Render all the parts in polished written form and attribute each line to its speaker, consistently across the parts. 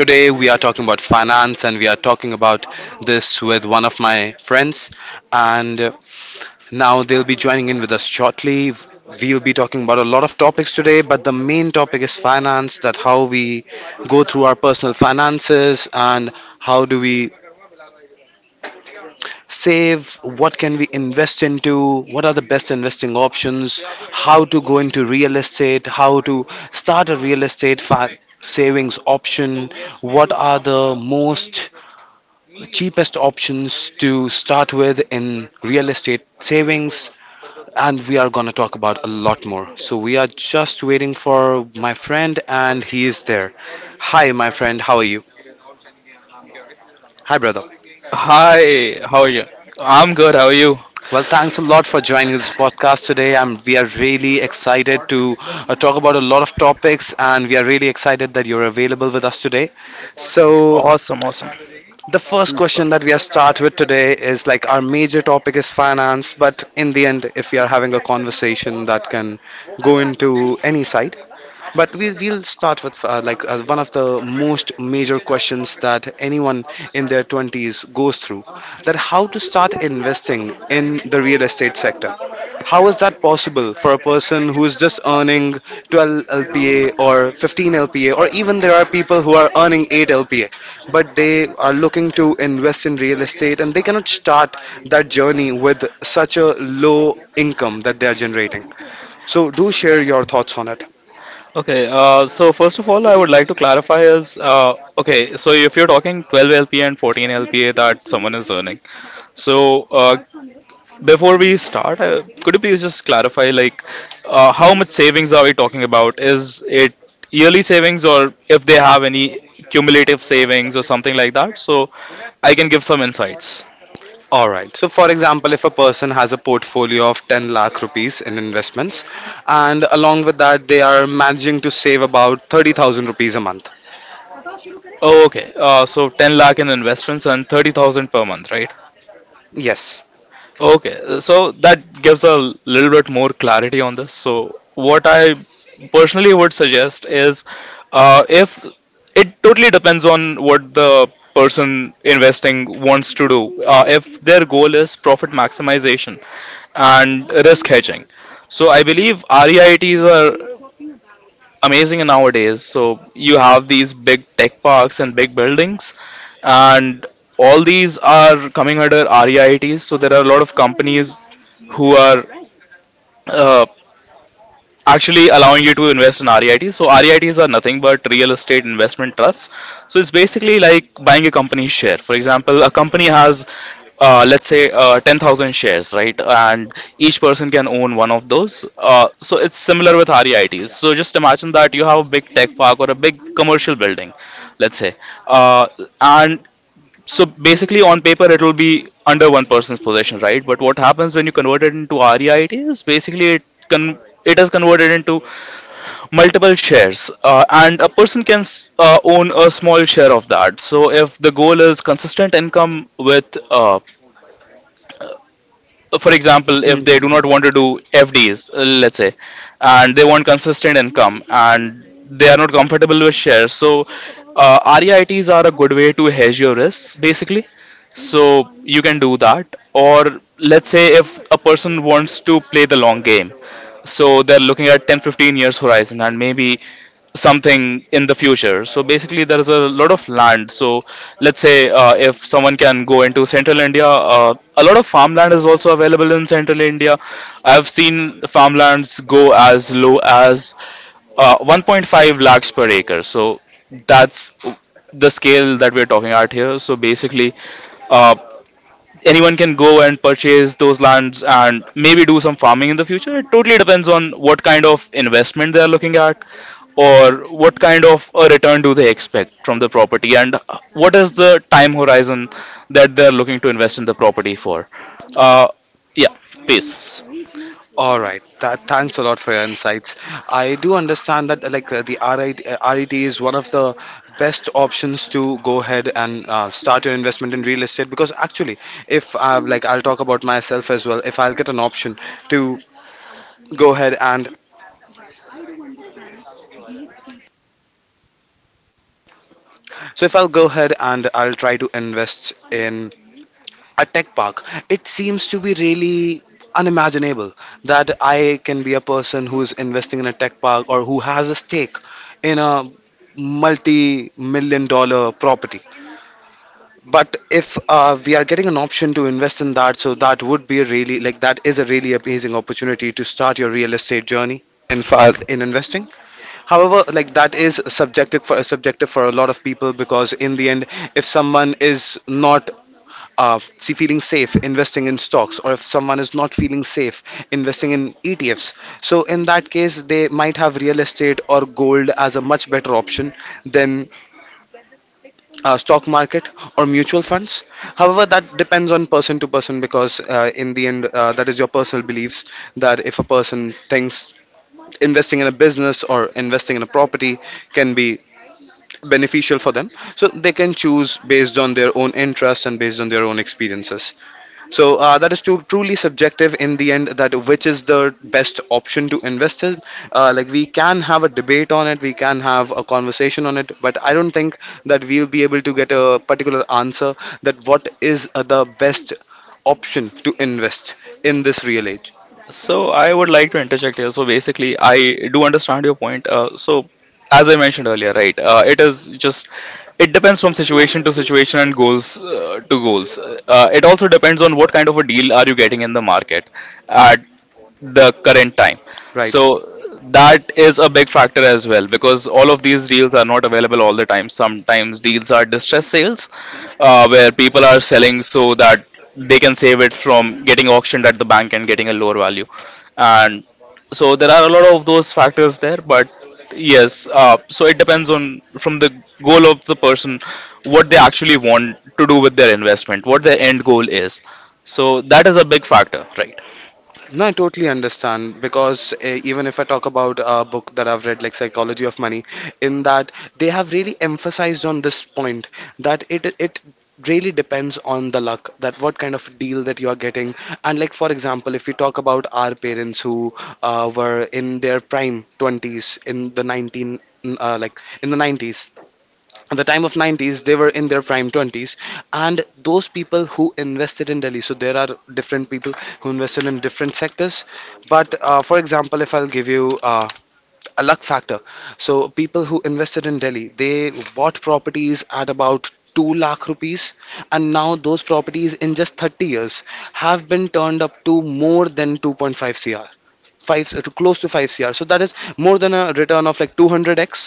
Speaker 1: Today we are talking about finance and we are talking about this with one of my friends. And now they'll be joining in with us shortly. We'll be talking about a lot of topics today, but the main topic is finance that how we go through our personal finances and how do we save, what can we invest into, what are the best investing options, how to go into real estate, how to start a real estate savings option, what are the most cheapest options to start with in real estate savings, and we are going to talk about a lot more. So we are just waiting for my friend and he is there. Hi, my friend, how are you? Hi, brother.
Speaker 2: Hi, how are you? I'm good, how are you?
Speaker 1: Well, thanks a lot for joining this podcast today. We are really excited to talk about a lot of topics, and we are really excited that you're available with us today. So,
Speaker 2: Awesome, awesome.
Speaker 1: the first question that we are start with today is, like, our major topic is finance, but in the end, if we are having a conversation that can go into any side, but we will start with like one of the most major questions that anyone in their 20s goes through, that how to start investing in the real estate sector. How is that possible for a person who is just earning 12 LPA or 15 LPA, or even there are people who are earning 8 LPA but they are looking to invest in real estate and they cannot start that journey with such a low income that they are generating. So do share your thoughts on it.
Speaker 2: Okay, so first of all, I would like to clarify is okay, so if you're talking 12 LPA and 14 LPA that someone is earning, so before we start, could you please just clarify like how much savings are we talking about? Is it yearly savings or if they have any cumulative savings or something like that? So I can give some insights.
Speaker 1: All right. So, for example, if a person has a portfolio of 10 lakh rupees in investments, and along with that, they are managing to save about 30,000 rupees a month.
Speaker 2: Oh, okay. So 10 lakh in investments and 30,000 per month, right?
Speaker 1: Yes.
Speaker 2: Okay. So that gives a little bit more clarity on this. So what I personally would suggest is if it totally depends on what the person investing wants to do. If their goal is profit maximization and risk hedging. So I believe REITs are amazing nowadays. So you have these big tech parks and big buildings, and all these are coming under REITs. So there are a lot of companies who are uh, actually allowing you to invest in REITs. So REITs are nothing but real estate investment trusts. So it's basically like buying a company's share. For example, a company has let's say 10,000 shares, right? And each person can own one of those. So it's similar with REITs. So just imagine that you have a big tech park or a big commercial building, let's say. Uh, and so basically, on paper, it will be under one person's possession, right? But what happens when you convert it into REIT is basically it con- it is converted into multiple shares, and a person can own a small share of that. So if the goal is consistent income with for example, if
Speaker 1: Hmm,
Speaker 2: they
Speaker 1: hmm,
Speaker 2: do not
Speaker 1: hmm.
Speaker 2: want to do FDs, let's say, and they want consistent income and they are not comfortable with shares, so REITs are a good way to hedge your risks basically. So you can do that, or let's say if a person wants to play the long game, so they're looking at 10 15 years horizon and maybe something in the future. So basically, there is a lot of land. So let's say if someone can go into central India, a lot of farmland is also available in central India. I've seen farmlands go as low as 1.5 lakhs per acre. So that's the scale that we're talking at here. So basically, uh, anyone can go and purchase those lands and maybe do some farming in the future. It totally depends on what kind of investment they are looking at or what kind of a return do they expect from the property and what is the time horizon that they're looking to invest in the property for. Uh, yeah, please.
Speaker 1: All right. Thanks a lot for your insights. I do understand that like the RIT is one of the best options to go ahead and start your investment in real estate, because actually, if like I'll talk about myself as well, if I'll get an option to go ahead and so if I'll go ahead and I'll try to invest in a tech park, it seems to be really unimaginable that I can be a person who is investing in a tech park, or who has a stake in a multi-million dollar property. But if we are getting an option to invest in that, so that would be a really like, that is a really amazing opportunity to start your real estate journey in investing. However, like, that is subjective for a lot of people because, in the end, if someone is not see, feeling safe investing in stocks, or if someone is not feeling safe investing in ETFs, so in that case they might have real estate or gold as a much better option than stock market or mutual funds. However, that depends on person to person because in the end, that is your personal beliefs, that if a person thinks investing in a business or investing in a property can be beneficial for them, so they can choose based on their own interests and based on their own experiences. So that is truly subjective in the end, that which is the best option to invest in. Like, we can have a debate on it, we can have a conversation on it, but I don't think that we'll be able to get a particular answer that what is the best option to invest in this real age,
Speaker 2: So I would like to interject here. So basically, I do understand your point. So as I mentioned earlier, right, it is just it depends from situation to situation and goals to goals. It also depends on what kind of a deal are you getting in the market. At the current time.
Speaker 1: right?
Speaker 2: So that is a big factor as well because all of these deals are not available all the time. Sometimes deals are distress sales where people are selling so that they can save it from getting auctioned at the bank and getting a lower value. And so there are a lot of those factors there, but yes, so it depends on from the goal of the person what they actually want to do with their investment, what their end goal is. So that is a big factor, right?
Speaker 1: No, I totally understand, because even if I talk about a book that I've read, like Psychology of Money, in that they have really emphasized on this point that it really depends on the luck, that what kind of deal that you are getting. And like, for example, if we talk about our parents who were in their prime 20s in the 90s, at the time of 90s they were in their prime 20s, and those people who invested in Delhi, so there are different people who invested in different sectors, but for example, if I'll give you uh, a luck factor, so people who invested in Delhi, they bought properties at about 2 lakh rupees, and now those properties in just 30 years have been turned up to more than 2.5 cr, 5 to close to 5 cr, so that is more than a return of like 200x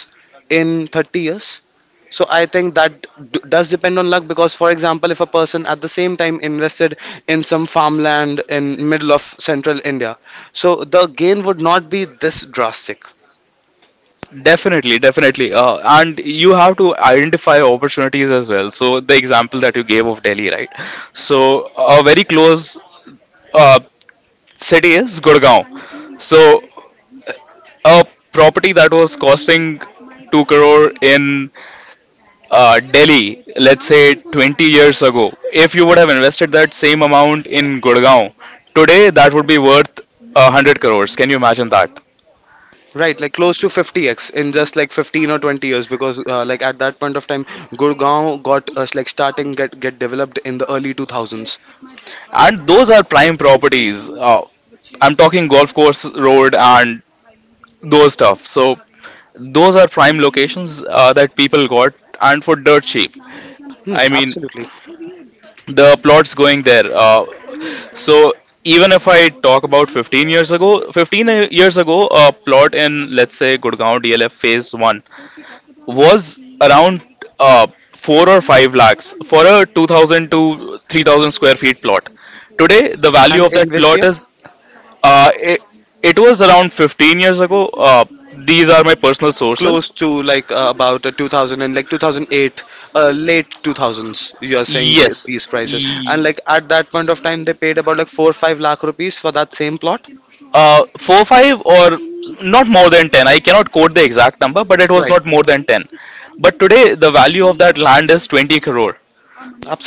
Speaker 1: in 30 years. So I think that does depend on luck, because, for example, if a person at the same time invested in some farmland in middle of central India, so the gain would not be this drastic,
Speaker 2: Definitely, definitely. And you have to identify opportunities as well. So, the example that you gave of Delhi, right? So, a very close uh, city is Gurgaon. So, a property that was costing 2 crore in Delhi, let's say 20 years ago, if you would have invested that same amount in Gurgaon, today that would be worth 100 crores. Can you imagine that?
Speaker 1: right? Like, close to 50x in just like 15 or 20 years, because, like, at that point of time, Gurgaon got like starting get developed in the early 2000s.
Speaker 2: And those are prime properties. I'm talking golf course road and those stuff. So those are prime locations that people got and for dirt cheap.
Speaker 1: Hmm,
Speaker 2: I mean
Speaker 1: absolutely.
Speaker 2: the plots going there. So even if I talk about 15 years ago, 15 uh, years ago, a plot in let's say Gurgaon DLF Phase One was around uh, four or five lakhs for a 2,000 to 3,000 square feet plot. Today, the value
Speaker 1: And
Speaker 2: of
Speaker 1: in
Speaker 2: that
Speaker 1: which
Speaker 2: plot
Speaker 1: year?
Speaker 2: is Uh, it, it was around 15 years ago. These are my personal sources.
Speaker 1: Close to like about 2000, and like 2008, late 2000s you are saying,
Speaker 2: Yes.
Speaker 1: these prices. And
Speaker 2: E-
Speaker 1: like, at that point of time they paid about like 4 5 lakh rupees for that same plot,
Speaker 2: 4 5 or not more than 10. I cannot quote the exact number, but it was
Speaker 1: right?
Speaker 2: not more than 10. But today, the value of that land is 20 crore.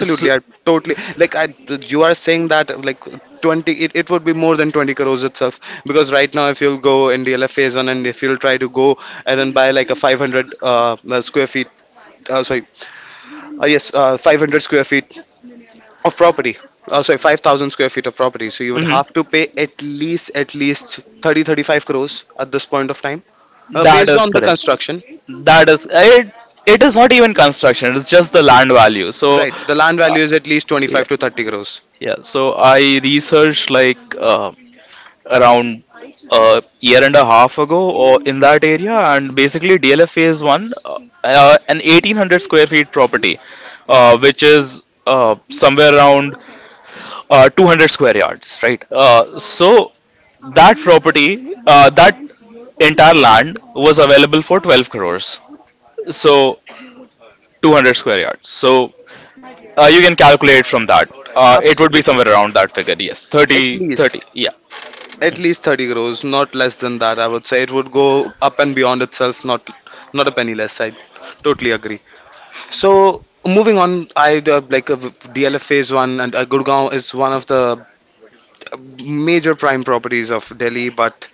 Speaker 2: So,
Speaker 1: I totally like i you are saying that, like, 20, it would be more than 20 crores itself, because right now if you'll go in the phase one and if you'll try to go and then buy like a 500 square feet, sorry, yes, 500 square feet of property, sorry, 5,000 square feet of property, so you would
Speaker 2: mhm.
Speaker 1: have to pay at least, 35 crores at this point of time,
Speaker 2: That
Speaker 1: based
Speaker 2: is
Speaker 1: on the
Speaker 2: correct.
Speaker 1: construction.
Speaker 2: That is it. It is not even construction. It's just the land value. So,
Speaker 1: Right. The land
Speaker 2: uh,
Speaker 1: value is at least 25
Speaker 2: yeah,
Speaker 1: to 30 crores.
Speaker 2: yeah. So I researched like uh, around a year and a half ago or in that area and basically DLF phase 1 an 1800 square feet property which is somewhere around 200 square yards, right? So that property, that entire land was available for 12 crores. So 200 square yards, so you can calculate from that. Uh, it would be
Speaker 1: Absolutely,
Speaker 2: somewhere around that figure, yes,
Speaker 1: at
Speaker 2: 30
Speaker 1: least,
Speaker 2: 30 yeah.
Speaker 1: 30 crores, not less than that, I would say. It would go up and beyond itself, not a penny less, I totally agree. So moving on, I like DLF phase 1 and Gurgaon is one of the major prime properties of Delhi. But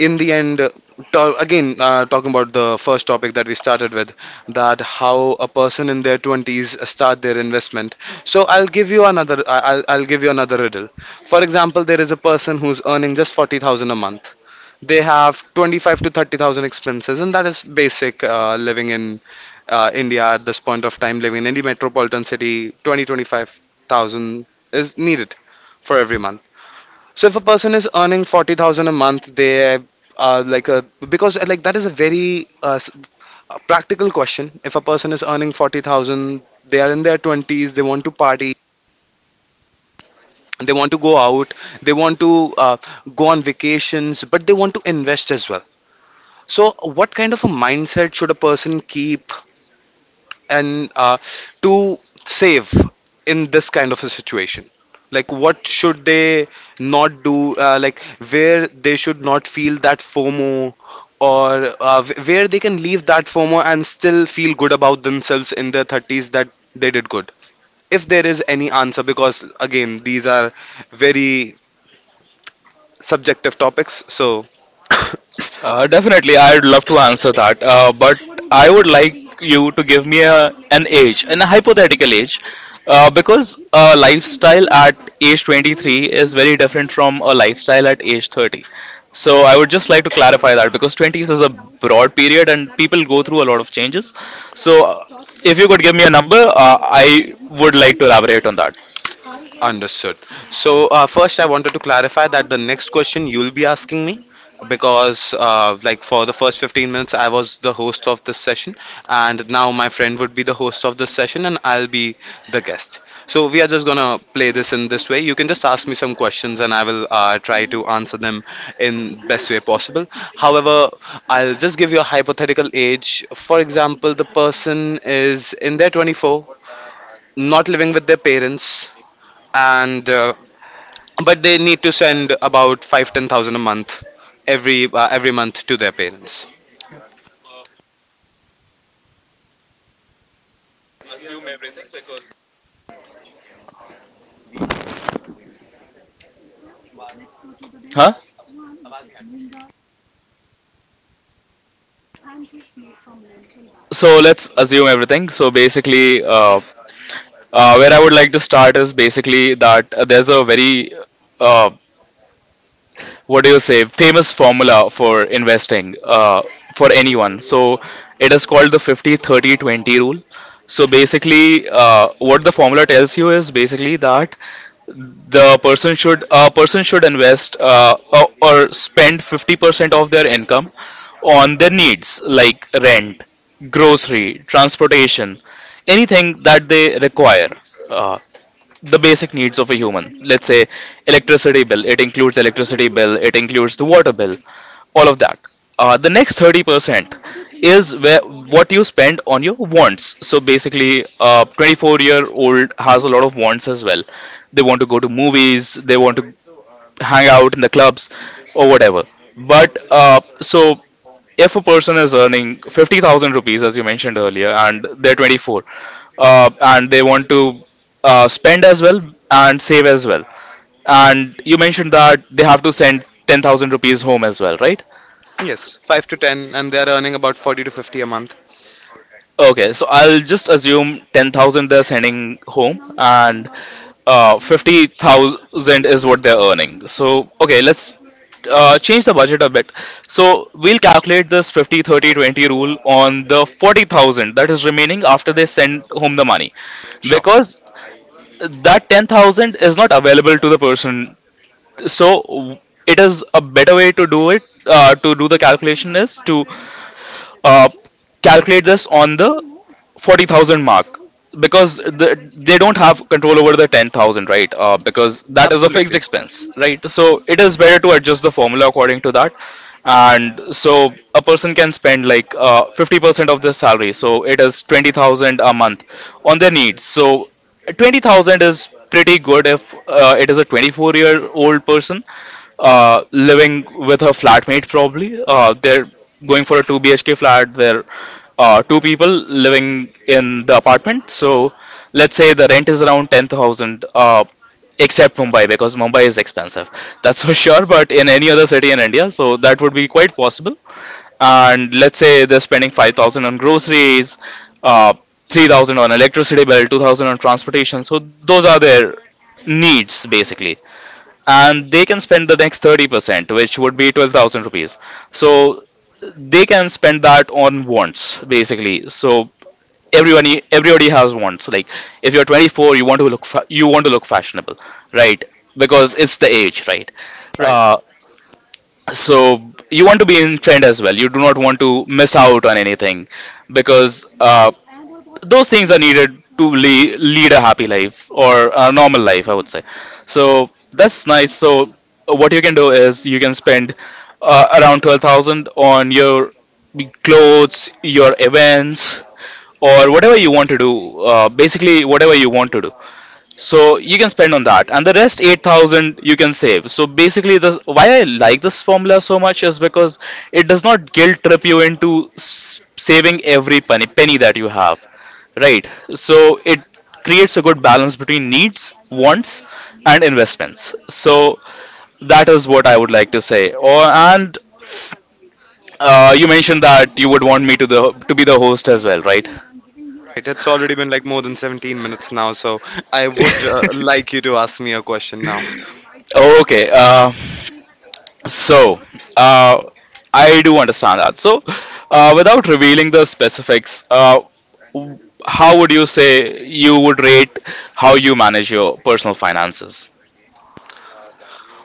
Speaker 1: in the end, talking about the first topic that we started with, that how a person in their 20s start their investment. So I'll give you another. I'll give you another riddle. For example, there is a person who's earning just 40,000 a month. They have 25 to 30,000 expenses, and that is basic living in India at this point of time. Living in any metropolitan city, 20-25 thousand is needed for every month. So if a person is earning 40,000 a month, they are like a, because like, that is a very a practical question. If a person is earning 40,000, they are in their 20s, they want to party, they want to go out, they want to go on vacations, but they want to invest as well. So what kind of a mindset should a person keep, and to save in this kind of a situation, like what should they not do, like where they should not feel that FOMO, or where they can leave that FOMO and still feel good about themselves in their 30s, that they did good, if there is any answer? Because again, these are very subjective topics, so.
Speaker 2: Definitely, I'd love to answer that. But I would like you to give me a, an age, an hypothetical age, because a lifestyle at age 23 is very different from a lifestyle at age 30. So I would just like to clarify that because 20s is a broad period and people go through a lot of changes. So if you could give me a number, I would like to elaborate on that.
Speaker 1: Understood. So, first, I wanted to clarify that the next question you'll be asking me, because like, for the first 15 minutes I was the host of this session, and now my friend would be the host of this session, and I'll be the guest. So, we are just gonna play this in this way. You can just ask me some questions, and I will try to answer them in best way possible. However, I'll just give you a hypothetical age. For example, the person is in their 24, not living with their parents, and but they need to send about 5-10 thousand a month, every month, to their parents.
Speaker 2: Huh? So let's assume everything. So basically, where I would like to start is basically that there's a very, uh, what do you say, famous formula for investing for anyone. So it is called the 50-30-20 rule. So basically, what the formula tells you is basically that the person should a person should invest or spend 50% of their income on their needs like rent, grocery, transportation, anything that they require. Uh, the basic needs of a human, let's say electricity bill, it includes the water bill, all of that. The next 30% is where what you spend on your wants. So basically, a 24-year-old has a lot of wants as well. They want to go to movies, they want to hang out in the clubs or whatever. But so if a person is earning 50,000 rupees, as you mentioned earlier, and they're 24, and they want to spend as well and save as well, and you mentioned that they have to send 10,000 rupees home as well, right?
Speaker 1: Yes, five to ten, and they're earning about 40 to 50 a month.
Speaker 2: Okay, so I'll just assume 10,000 they're sending home, and 50,000 is what they're earning. So, okay, let's change the budget a bit. So, we'll calculate this 50-30-20 rule on the 40,000 that is remaining after they send home the money
Speaker 1: Sure,
Speaker 2: because that 10,000 is not available to the person. So, it is a better way to do it. To do the calculation is to uh, calculate this on the 40,000 mark because they don't have control over the 10,000, right? Because that is a fixed
Speaker 1: absolutely
Speaker 2: expense, right? So it is better to adjust the formula according to that. And so a person can spend like 50% of their salary. So it is 20,000 a month on their needs. So 20,000 is pretty good if it is a 24-year-old person living with her flatmate probably. They're going for a 2 BHK flat. There are two people living in the apartment. So let's say the rent is around 10,000, except Mumbai, because Mumbai is expensive. That's for sure. But in any other city in India, so that would be quite possible. And let's say they're spending 5,000 on groceries, 3,000 on electricity bill, 2,000 on transportation. So those are their needs basically, and they can spend the next 30% which would be 12,000 rupees, so they can spend that on wants basically. So everyone everybody has wants. Like, if you're 24, you want to you want to look fashionable, right? Because it's the age, right?
Speaker 1: right.
Speaker 2: Uh, so you want to be in trend as well. You do not want to miss out on anything because those things are needed to lead a happy life or a normal life, I would say. So that's nice. So what you can do is you can spend around 12,000 on your clothes, your events, or whatever you want to do. Basically, whatever you want to do, so you can spend on that, and the rest 8,000 you can save. So basically, this, why I like this formula so much, is because it does not guilt trip you into saving every penny that you have. Right. So it creates a good balance between needs, wants, and investments. So that is what I would like to say. Or and you mentioned that you would want me to the to be the host as well, right?
Speaker 1: It's already been like more than 17 minutes now, so I would like you to ask me a question now.
Speaker 2: Okay. So uh, I do understand that. So without revealing the specifics, w- how would you say you would rate how you manage your personal finances?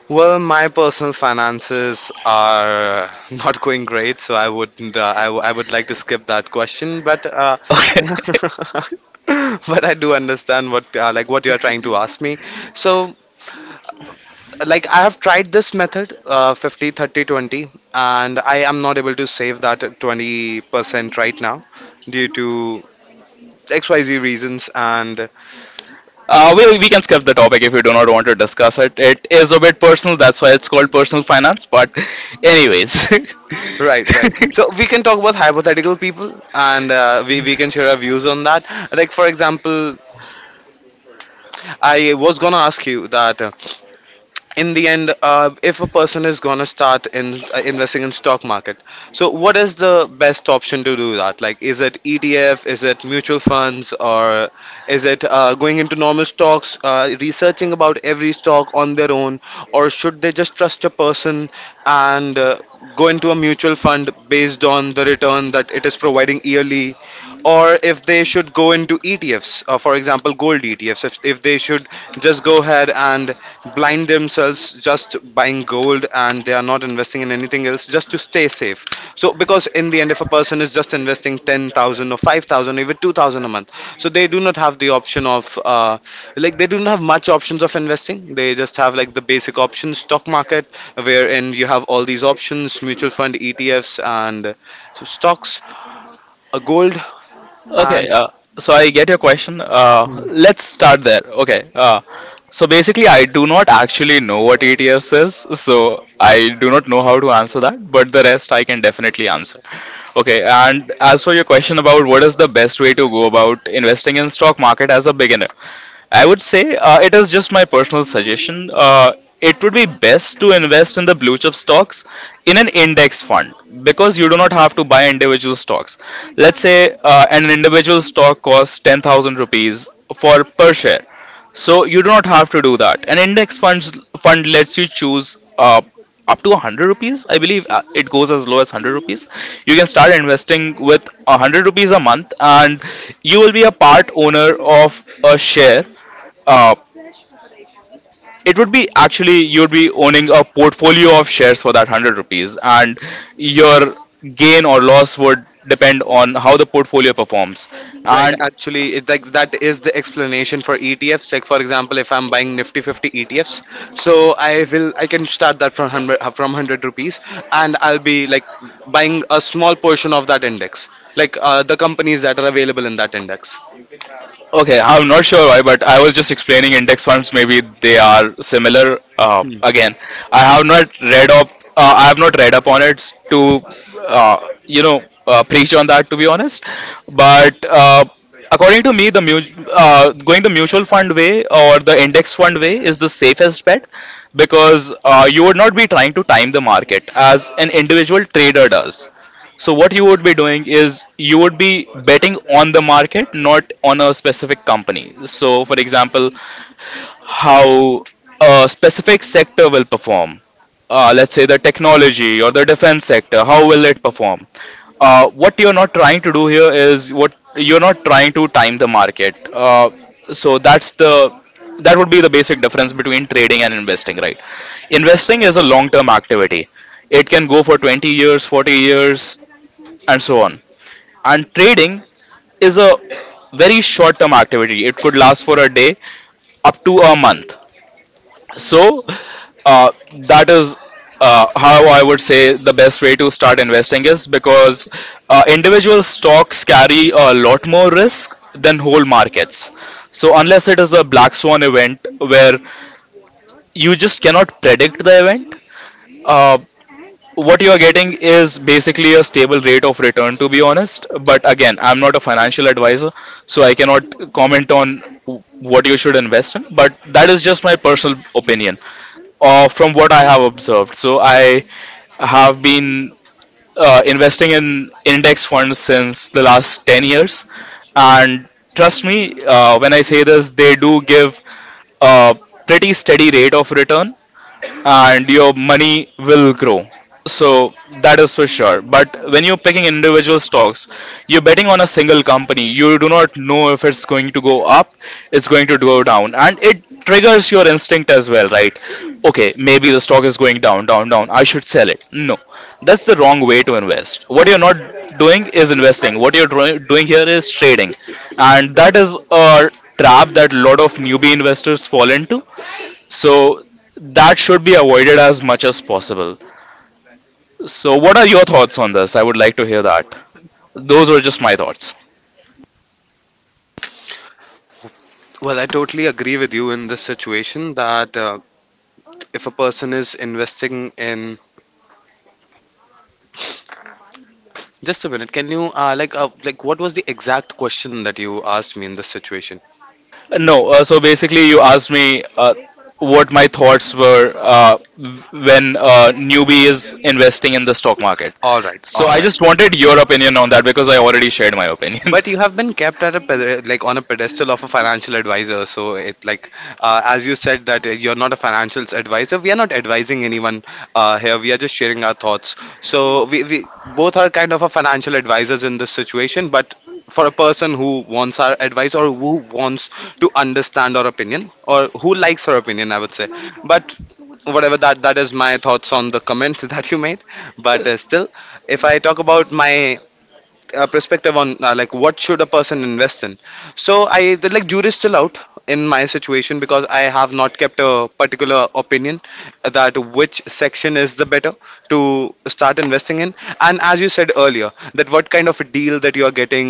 Speaker 1: Well, my personal finances are not going great, so I wouldn't. I would like to skip that question, but
Speaker 2: Okay.
Speaker 1: but I do understand what like, what you are trying to ask me. So like, I have tried this method, 50, 30-20, and I am not able to save that 20% right now due to XYZ reasons. And
Speaker 2: We can skip the topic if you do not want to discuss it. It is a bit personal, that's why it's called personal finance. But anyways.
Speaker 1: right, right. So we can talk about hypothetical people and we can share our views on that. Like, for example, I was gonna ask you that. In the end, if a person is going to start in, investing in stock market, so what is the best option to do that? Like, is it etf, is it mutual funds, or is it, going into normal stocks, researching about every stock on their own, or should they just trust a person and, go into a mutual fund based on the return that it is providing yearly, or if they should go into ETFs, for example, gold ETFs, if they should just go ahead and blind themselves just buying gold and they are not investing in anything else just to stay safe? So because in the end, if a person is just investing 10,000 or 5,000, even 2,000 a month, so they do not have the option of, they do not have much options of investing. They just have like the basic options: stock market, wherein you have all these options, mutual fund, etfs, and, so stocks, gold,
Speaker 2: Okay,
Speaker 1: and
Speaker 2: so I get your question.
Speaker 1: hmm,
Speaker 2: Let's start there. Okay, so basically, I do not actually know what ETFs is, so I do not know how to answer that, but the rest I can definitely answer. Okay, and as for your question about what is the best way to go about investing in stock market as a beginner, I would say it is just my personal suggestion. It would be best to invest in the blue chip stocks in an index fund because you do not have to buy individual stocks. Let's say an individual stock costs 10,000 rupees for per share. So you do not have to do that. An index fund lets you choose up to 100 rupees. I believe it goes as low as 100 rupees. You can start investing with 100 rupees a month, and you will be a part owner of a share. uh, it would be, actually you'd be owning a portfolio of shares for that 100 rupees, and your gain or loss would depend on how the portfolio performs.
Speaker 1: right,
Speaker 2: And
Speaker 1: actually, like that is the explanation for ETFs. Like for example, if I'm buying Nifty 50 ETFs, so I can start that from hundred rupees, and I'll be like buying a small portion of that index, like, the companies that are available in that index.
Speaker 2: okay, I'm not sure why, but I was just explaining index funds. Maybe they are similar.
Speaker 1: Hmm.
Speaker 2: Again, I have not read up. I have not read up on it to, preach on that. To be honest, but according to me, going the mutual fund way or the index fund way is the safest bet because you would not be trying to time the market as an individual trader does. So what you would be doing is you would be betting on the market, not on a specific company. So for example, how a specific sector will perform. Let's say the technology or the defense sector, how will it perform? What you're not trying to time the market. So that would be the basic difference between trading and investing, right? Investing is a long-term activity. It can go for 20 years, 40 years, and so on. And trading is a very short term activity. It could last for a day up to a month. So, uh, that is how I would say the best way to start investing is, because individual stocks carry a lot more risk than whole markets. So, unless it is a black swan event where you just cannot predict the event, uh, what you are getting is basically a stable rate of return, to be honest. But again, I'm not a financial advisor, so I cannot comment on what you should invest in, but that is just my personal opinion from what I have observed. So I have been investing in index funds since the last 10 years, and trust me when I say this, they do give a pretty steady rate of return, and your money will grow. So that is for sure. But when you're picking individual stocks, you're betting on a single company. You do not know if it's going to go up, it's going to go down, and it triggers your instinct as well, right? Okay, maybe the stock is going down. I should sell it. No, that's the wrong way to invest. What you're not doing is investing. What you're doing here is trading, and that is a trap that a lot of newbie investors fall into, so that should be avoided as much as possible. So what are your thoughts on this? I would like to hear that. Those were just my thoughts.
Speaker 1: Well, I totally agree with you in this situation that, if a person is investing in, just a minute. Can you, what was the exact question that you asked me in this situation?
Speaker 2: No, so basically, you asked me what my thoughts were when newbie is investing in the stock market.
Speaker 1: All right,
Speaker 2: So
Speaker 1: all
Speaker 2: I
Speaker 1: right.
Speaker 2: just wanted your opinion on that because I already shared my opinion.
Speaker 1: But you have been kept at a like on a pedestal of a financial advisor. So it, like, as you said that, you're not a financial advisor. We are not advising anyone here. We are just sharing our thoughts. So we both are kind of a financial advisors in this situation. But for a person who wants our advice, or who wants to understand our opinion, or who likes our opinion, I would say. But whatever that that is my thoughts on the comment that you made. But still, if I talk about my, perspective on, what should a person invest in, so like, jury's still out in my situation because I have not kept a particular opinion that which section is the better to start investing in. And as you said earlier, that what kind of a deal that you are getting,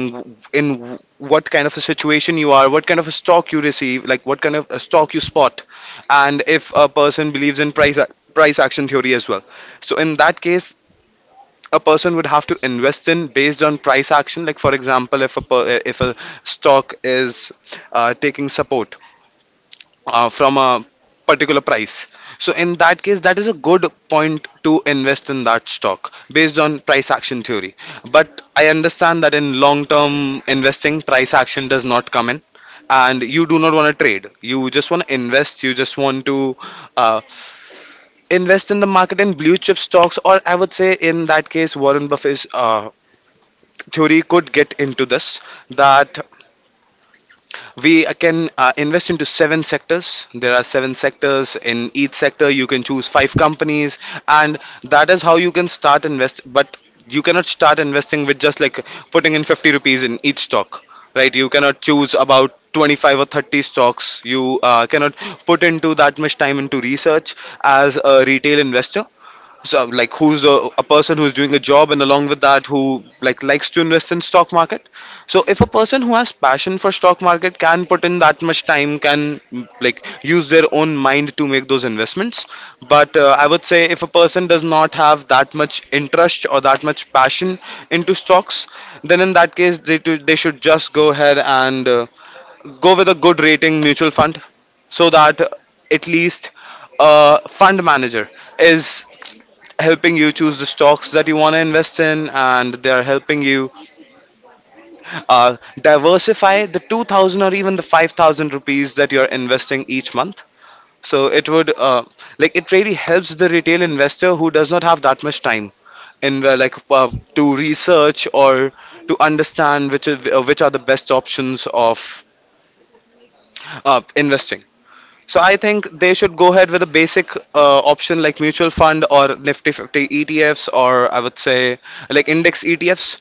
Speaker 1: in what kind of a situation you are, what kind of a stock you receive, like what kind of a stock you spot. And if a person believes in price action theory as well, so in that case a person would have to invest in based on price action. Like for example, if a if a stock is, taking support, from a particular price, so in that case that is a good point to invest in that stock based on price action theory. But I understand that in long term investing, price action does not come in, and you do not want to trade. You just want to invest. You just want to, uh, invest in the market in blue chip stocks. Or I would say, in that case, warren buffett's, theory could get into this, that we can, invest into seven sectors. There are seven sectors, in each sector you can choose five companies, and that is how you can start invest. But you cannot start investing with just like putting in 50 rupees in each stock, right? You cannot choose about 25 or 30 stocks. You, cannot put into that much time into research as a retail investor. So like who's a person who's doing a job and along with that who like likes to invest in stock market. So if a person who has passion for stock market can put in that much time, can, use their own mind to make those investments. But, I would say if a person does not have that much interest or that much passion into stocks, then in that case they should just go ahead and, go with a good rating mutual fund, so that at least a fund manager is helping you choose the stocks that you want to invest in, and they are helping you, diversify the 2,000 or even the 5,000 rupees that you're investing each month. So it would, it really helps the retail investor who does not have that much time in, to research or to understand which are the best options of, investing. So I think they should go ahead with a basic, option like mutual fund or Nifty 50 ETFs, or I would say like index ETFs,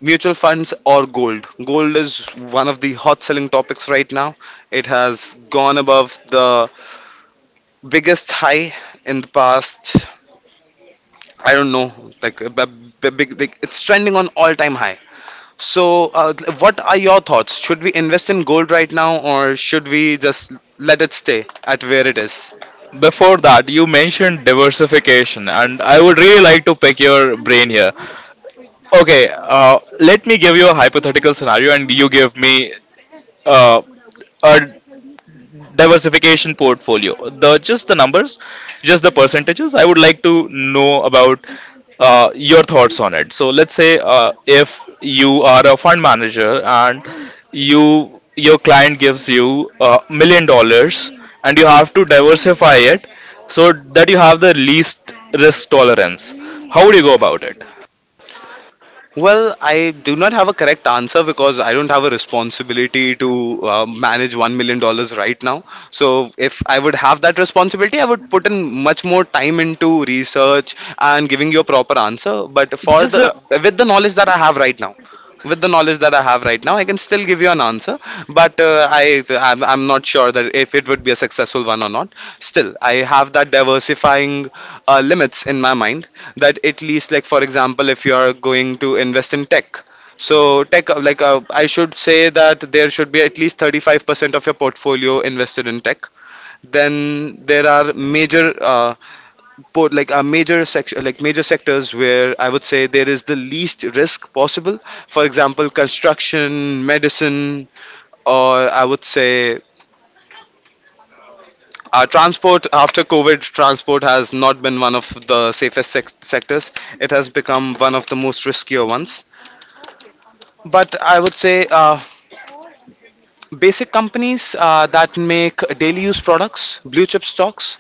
Speaker 1: mutual funds, or gold. Gold is one of the hot selling topics right now. It has gone above the biggest high in the past, I don't know, like a big, like, it's trending on all time high. So, uh, what are your thoughts? Should we invest in gold right now, or should we just let it stay at where it is?
Speaker 2: Before that, you mentioned diversification, and I would really like to pick your brain here. Okay, let me give you a hypothetical scenario, and you give me uh, a diversification portfolio, the just the numbers, just the percentages. I would like to know about your thoughts on it. So let's say if you are a fund manager, and you your client gives you $1 million and you have to diversify it so that you have the least risk tolerance, how would you go about it?
Speaker 1: Well, I do not have a correct answer because I don't have a responsibility to, manage $1 million right now. So, if I would have that responsibility, I would put in much more time into research and giving you a proper answer. But for
Speaker 2: just
Speaker 1: the
Speaker 2: a,
Speaker 1: with the knowledge that I have right now, with the knowledge that I have right now, I can still give you an answer. But, I I'm not sure that if it would be a successful one or not. Still, I have that diversifying, limits in my mind, that at least, like for example, if you are going to invest in tech, so tech, I should say that there should be at least 35% of your portfolio invested in tech. Then there are major, like a major section, like major sectors where I would say there is the least risk possible. For example, construction, medicine, or I would say, transport. After covid, transport has not been one of the safest sectors. It has become one of the most riskier ones. But I would say, basic companies, that make daily use products, blue chip stocks.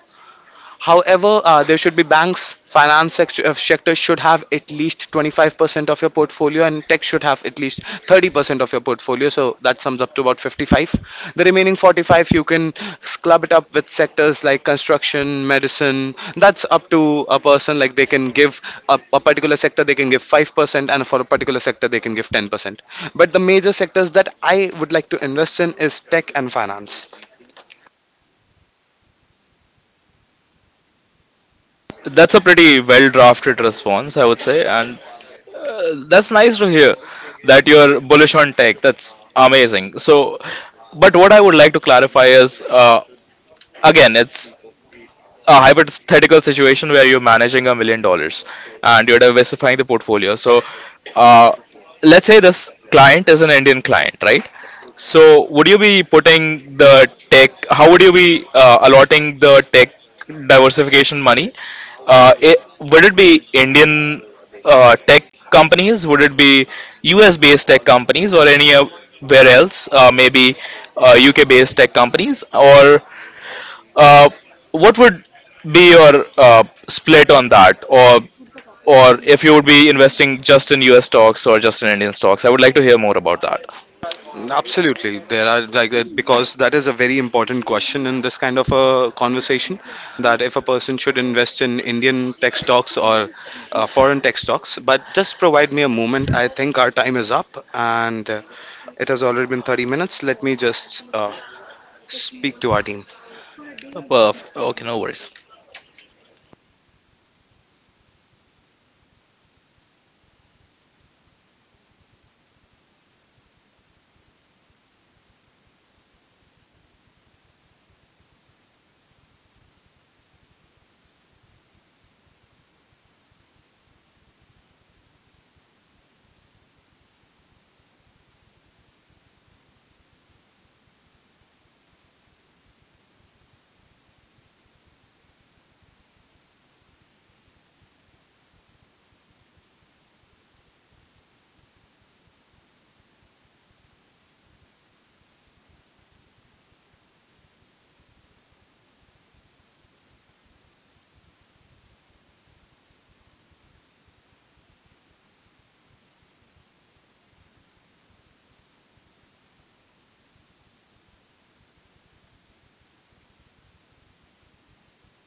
Speaker 1: However, there should be banks, sector should have at least 25% of your portfolio, and tech should have at least 30% of your portfolio. So that sums up to about 55. The remaining 45, you can club it up with sectors like construction, medicine. That's up to a person. Like they can give a particular sector, they can give 5%, and for a particular sector, they can give 10%. But the major sectors that I would like to invest in is tech and finance.
Speaker 2: that's a pretty well drafted response, I would say. And uh, that's nice to hear that you're bullish on tech. That's amazing. So, but what I would like to clarify is, again, it's a hypothetical situation where you're managing $1 million and you're diversifying the portfolio. So, uh, let's say this client is an Indian client, right? So, would you be putting the tech? How would you be allotting the tech diversification money? Would it be Indian tech companies? Would it be US-based tech companies or anywhere else? Maybe UK-based tech companies, or uh, what would be your split on that, or if you would be investing just in U.S. stocks or just in Indian stocks? I would like to hear more about that.
Speaker 1: Absolutely, there are like that, because that is a very important question in this kind of a conversation. That if a person should invest in Indian tech stocks or, foreign tech stocks. But just provide me a moment. I think our time is up, and, it has already been 30 minutes. Let me just, speak to our team.
Speaker 2: Perf. Okay, no worries.